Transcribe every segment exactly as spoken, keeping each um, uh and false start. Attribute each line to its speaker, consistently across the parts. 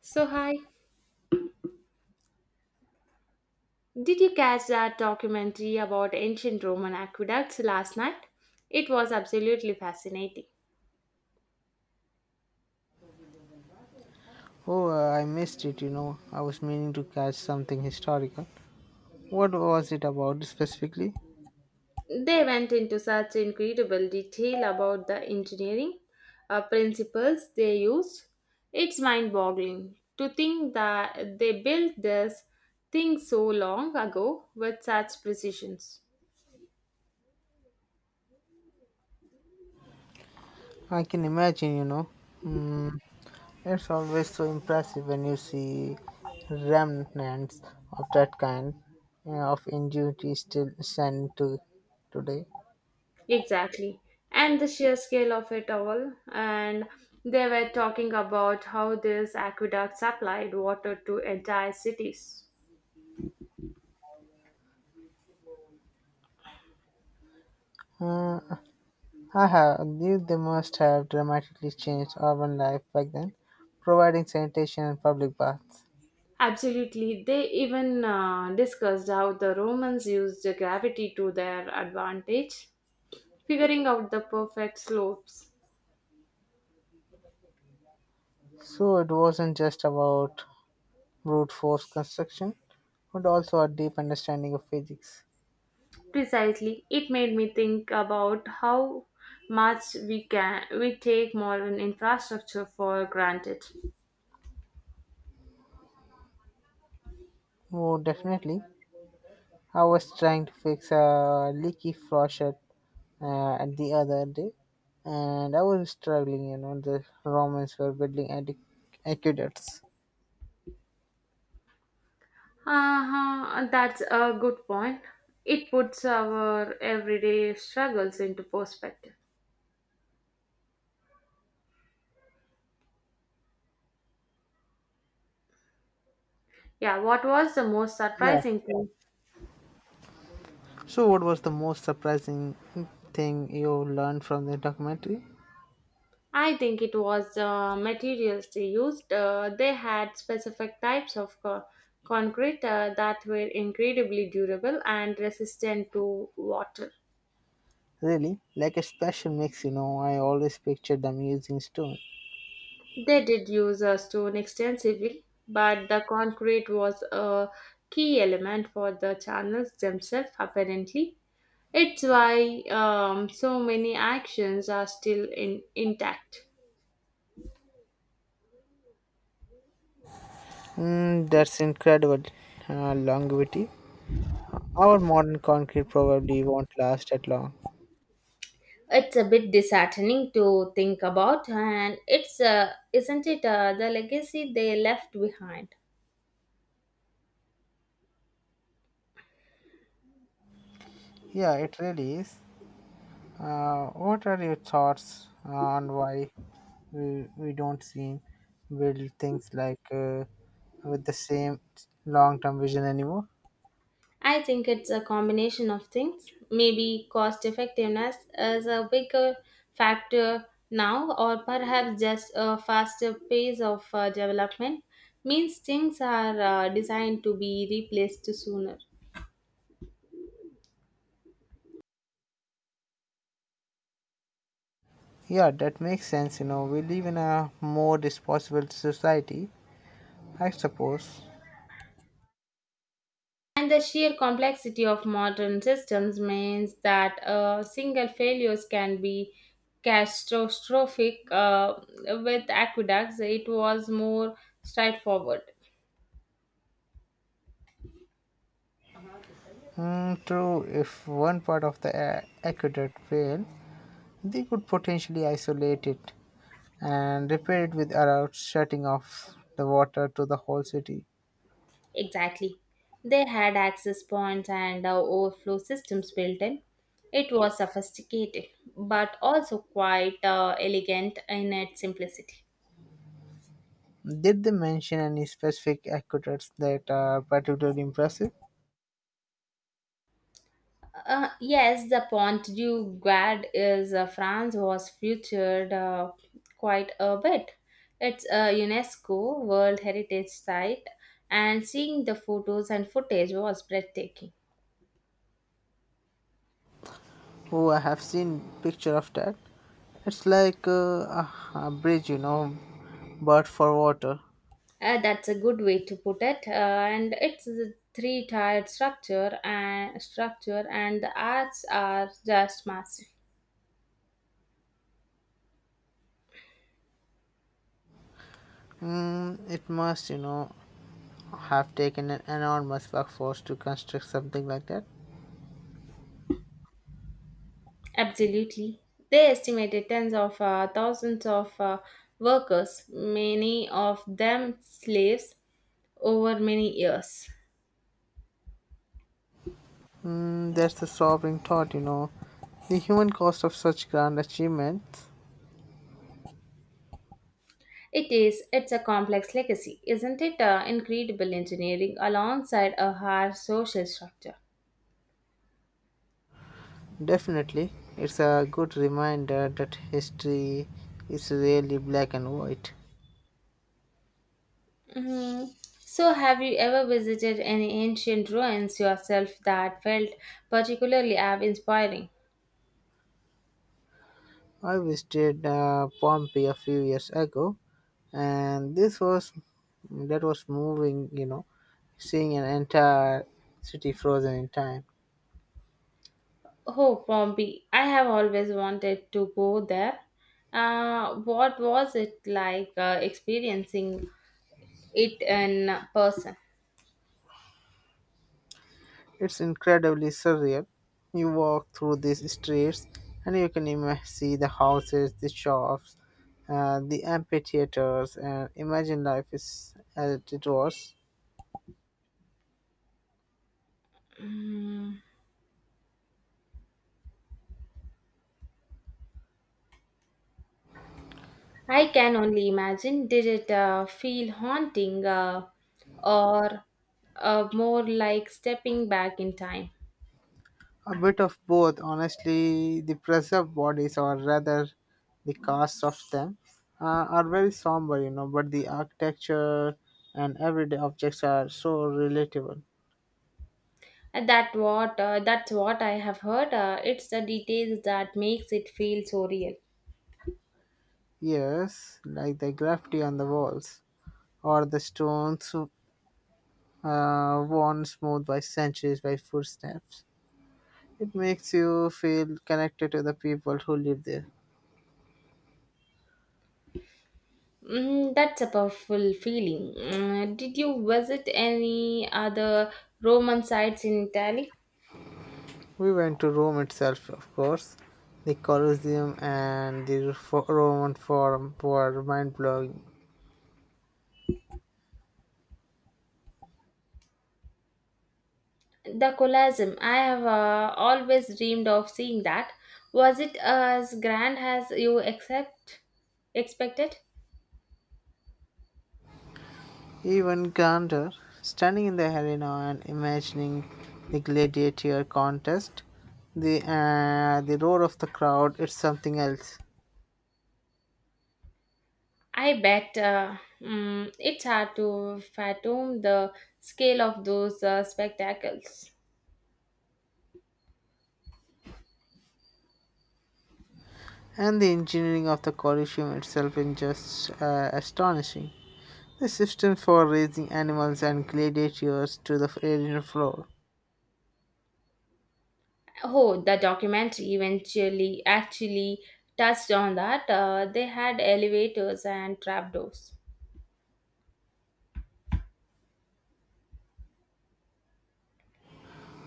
Speaker 1: So, hi, did you catch that documentary about ancient Roman aqueducts last night? It was absolutely fascinating.
Speaker 2: Oh, uh, I missed it, you know. I was meaning to catch something historical. What was it about specifically?
Speaker 1: They went into such incredible detail about the engineering uh, principles they used. It's mind boggling to think that they built this thing so long ago with such precisions.
Speaker 2: I can imagine, you know. Mm, it's always so impressive when you see remnants of that kind uh, of ingenuity still standing to today.
Speaker 1: Exactly. And the sheer scale of it all. And they were talking about how this aqueduct supplied water to entire cities.
Speaker 2: Uh, I have. they, they must have dramatically changed urban life back then, providing sanitation and public baths.
Speaker 1: Absolutely. They even uh, discussed how the Romans used the gravity to their advantage, figuring out the perfect slopes.
Speaker 2: So it wasn't just about brute force construction, but also a deep understanding of physics.
Speaker 1: Precisely. It made me think about how much we can we take modern infrastructure for granted.
Speaker 2: Oh, definitely. I was trying to fix a leaky faucet uh, at the other day, and I was struggling. You know, the Romans were building aqueduct- aqueducts.
Speaker 1: Uh-huh, that's a good point. It puts our everyday struggles into perspective. Yeah, what was the most
Speaker 2: Yeah.
Speaker 1: surprising thing?
Speaker 2: So, what was the most surprising thing you learned from the documentary?
Speaker 1: I think it was the materials they used. Uh, they had specific types of co- concrete uh, that were incredibly durable and resistant to water.
Speaker 2: Really, like a special mix. You know, I always pictured them using stone.
Speaker 1: They did use uh, stone extensively, but the concrete was a key element for the channels themselves, apparently. It's why um, so many actions are still in, intact.
Speaker 2: Mm, that's incredible. Uh, longevity. Our modern concrete probably won't last that long.
Speaker 1: It's a bit disheartening to think about, and it's uh, isn't it uh, the legacy they left behind?
Speaker 2: Yeah, it really is. Uh, what are your thoughts on why we, we don't seem build things like uh, with the same long-term vision anymore?
Speaker 1: I think it's a combination of things. Maybe cost effectiveness is a bigger factor now, or perhaps just a faster pace of uh, development means things are uh, designed to be replaced sooner.
Speaker 2: Yeah, that makes sense. You know, we live in a more disposable society, I suppose.
Speaker 1: And the sheer complexity of modern systems means that uh, single failures can be catastrophic. Uh, with aqueducts, it was more straightforward.
Speaker 2: Mm, true, if one part of the a- aqueduct fail, they could potentially isolate it and repair it without shutting off the water to the whole city.
Speaker 1: Exactly. They had access points and uh, overflow systems built in. It was sophisticated, but also quite uh, elegant in its simplicity.
Speaker 2: Did they mention any specific aqueducts that are particularly impressive?
Speaker 1: Uh, yes, the Pont du Gard is uh, France was featured uh, quite a bit. It's a UNESCO World Heritage Site, and seeing the photos and footage was breathtaking.
Speaker 2: Oh, I have seen picture of that. It's like uh, a, a bridge, you know, but for water.
Speaker 1: Uh, that's a good way to put it. Uh, and it's a three-tiered structure and structure, and the arts are just massive.
Speaker 2: Mm, it must, you know, have taken an enormous workforce to construct something like that.
Speaker 1: Absolutely, they estimated tens of uh, thousands of uh, workers, many of them slaves over many years.
Speaker 2: Mm, that's the sobering thought, you know. The human cost of such grand achievements.
Speaker 1: It is, it's a complex legacy, isn't it? Uh, incredible engineering alongside a hard social structure.
Speaker 2: Definitely, it's a good reminder that history is really black and white.
Speaker 1: Hmm. So, have you ever visited any ancient ruins yourself that felt particularly awe inspiring?
Speaker 2: I visited uh, Pompeii a few years ago, and this was that was moving. You know, seeing an entire city frozen in time.
Speaker 1: Oh, Pompeii, I have always wanted to go there. Uh, what was it like uh, experiencing it in person?
Speaker 2: It's incredibly surreal. You walk through these streets, and you can ima- see the houses, the shops, uh, the amphitheaters, and imagine life is as it was.
Speaker 1: Mm. I can only imagine. Did it uh, feel haunting uh, or uh, more like stepping back in time?
Speaker 2: A bit of both, honestly. The preserved bodies, or rather the casts of them, uh, are very somber, you know, but the architecture and everyday objects are so relatable.
Speaker 1: And That what uh, that's what I have heard. Uh, it's the details that makes it feel so real.
Speaker 2: Yes, like the graffiti on the walls, or the stones uh, worn smooth by centuries by footsteps. It makes you feel connected to the people who live there.
Speaker 1: Mm, that's a powerful feeling. Mm, did you visit any other Roman sites in Italy?
Speaker 2: We went to Rome itself, of course. The Colosseum and the Fo- Roman Forum were mind blowing.
Speaker 1: The Colosseum. I have uh, always dreamed of seeing that. Was it as grand as you expect expected?
Speaker 2: Even Gander, standing in the arena and imagining the gladiator contest, the, uh, the roar of the crowd is something else.
Speaker 1: I bet uh, mm, it's hard to fathom the scale of those uh, spectacles.
Speaker 2: And the engineering of the Colosseum itself is just uh, astonishing. The system for raising animals and gladiators to the arena floor.
Speaker 1: Oh, the documentary eventually actually touched on that. Uh, they had elevators and trapdoors.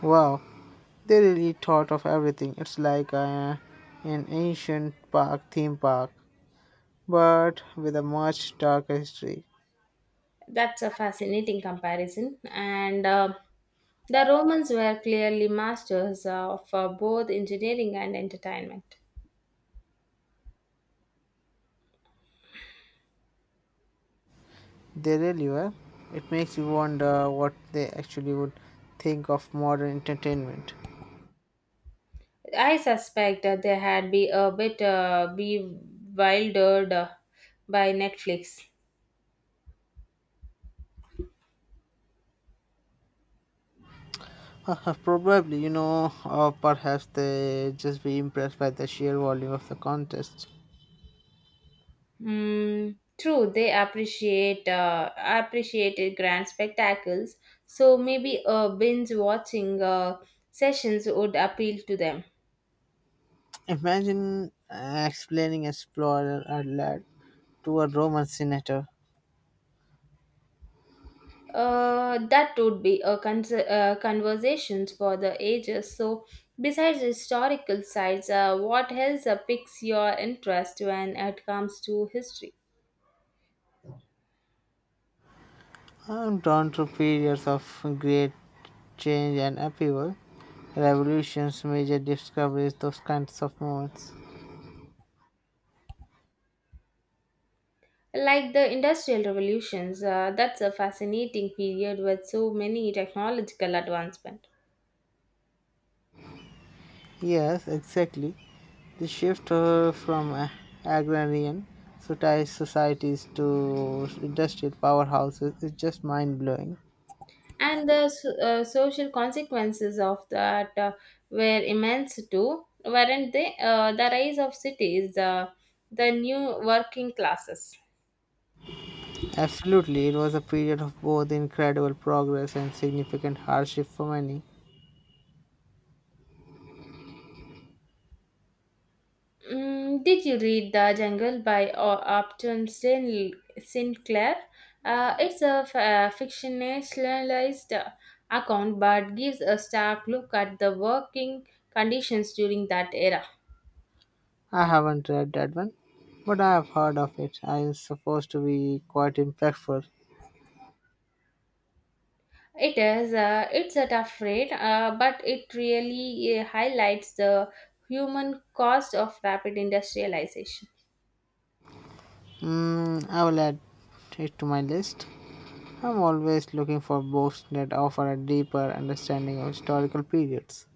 Speaker 2: Wow, they really thought of everything. It's like uh, an ancient park theme park, but with a much darker history.
Speaker 1: That's a fascinating comparison. And uh, the Romans were clearly masters of uh, both engineering and entertainment.
Speaker 2: They really were. It makes you wonder what they actually would think of modern entertainment.
Speaker 1: I suspect that they had be a bit uh, bewildered uh, by Netflix.
Speaker 2: Uh, Probably, you know, or perhaps they just be impressed by the sheer volume of the contest.
Speaker 1: Mm, true, they appreciate uh, appreciated grand spectacles, so maybe uh, binge watching uh, sessions would appeal to them.
Speaker 2: Imagine uh, explaining a explorer or lad to a Roman senator.
Speaker 1: Uh, that would be a con- uh, conversations for the ages. So, besides historical sites, uh, what else uh, piques your interest when it comes to history?
Speaker 2: I'm drawn to periods of great change and upheaval, revolutions, major discoveries, those kinds of moments.
Speaker 1: Like the industrial revolutions, uh, that's a fascinating period with so many technological advancements.
Speaker 2: Yes, exactly. The shift uh, from uh, agrarian soci- societies to industrial powerhouses is just mind blowing.
Speaker 1: And the so- uh, social consequences of that uh, were immense too, weren't they? Uh, the rise of cities, uh, the new working classes.
Speaker 2: Absolutely, it was a period of both incredible progress and significant hardship for many.
Speaker 1: Mm, did you read The Jungle by O- Upton Sin- Sinclair? Uh, it's a f- uh, fictionalized uh, account, but gives a stark look at the working conditions during that era.
Speaker 2: I haven't read that one, but I have heard of it. I am supposed to be quite impactful.
Speaker 1: It is. Uh, it's a tough rate, uh, but it really uh, highlights the human cost of rapid industrialization.
Speaker 2: Mm, I will add it to my list. I'm always looking for books that offer a deeper understanding of historical periods.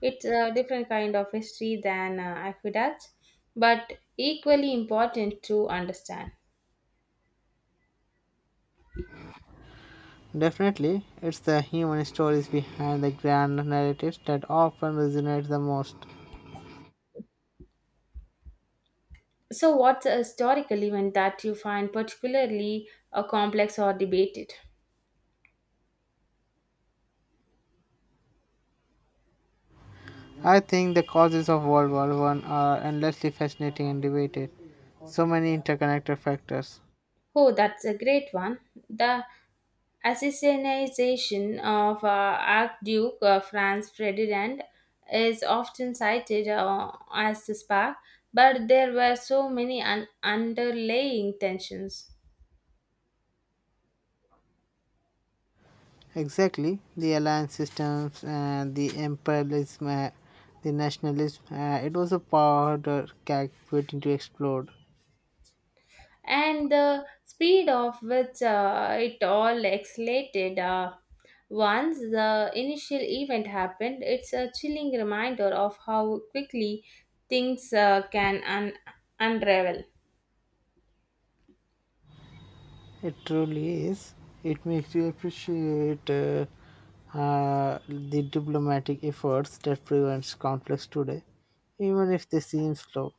Speaker 1: It's a different kind of history than uh, aqueducts, but equally important to understand.
Speaker 2: Definitely, it's the human stories behind the grand narratives that often resonate the most.
Speaker 1: So, what's a historical event that you find particularly uh, complex or debated?
Speaker 2: I think the causes of World War One are endlessly fascinating and debated. So many interconnected factors.
Speaker 1: Oh, that's a great one. The Assassination of uh, Archduke uh, Franz Ferdinand is often cited uh, as the spark, but there were so many un- underlying tensions.
Speaker 2: Exactly, the alliance systems and the imperialism, uh, the nationalism. Uh, it was a powder keg waiting to explode.
Speaker 1: And the speed of which uh, it all escalated uh, once the initial event happened, it's a chilling reminder of how quickly things uh, can un- unravel.
Speaker 2: It truly is. It makes you appreciate uh, uh, the diplomatic efforts that prevents conflicts today, even if they seem slow.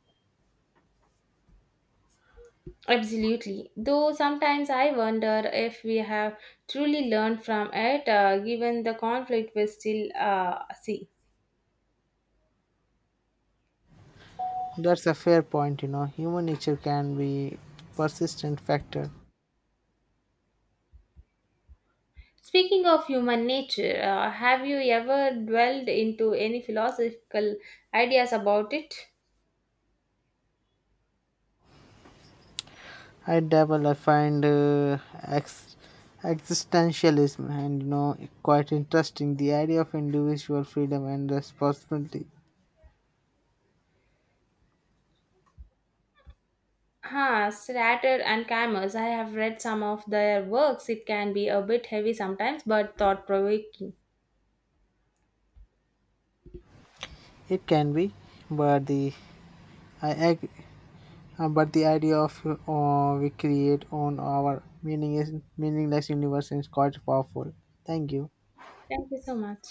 Speaker 1: Absolutely. Though sometimes I wonder if we have truly learned from it, uh, given the conflict we still uh, see.
Speaker 2: That's a fair point, you know. Human nature can be persistent factor.
Speaker 1: Speaking of human nature, uh, have you ever dwelled into any philosophical ideas about it?
Speaker 2: I dabble, I find uh, ex- existentialism and, you know, quite interesting. The idea of individual freedom and responsibility.
Speaker 1: Huh, Strater and Camus. I have read some of their works. It can be a bit heavy sometimes, but thought provoking.
Speaker 2: It can be, but the I ag- Uh, but the idea of uh, we create on our meaning is meaningless universe is quite powerful. Thank you.
Speaker 1: Thank you so much.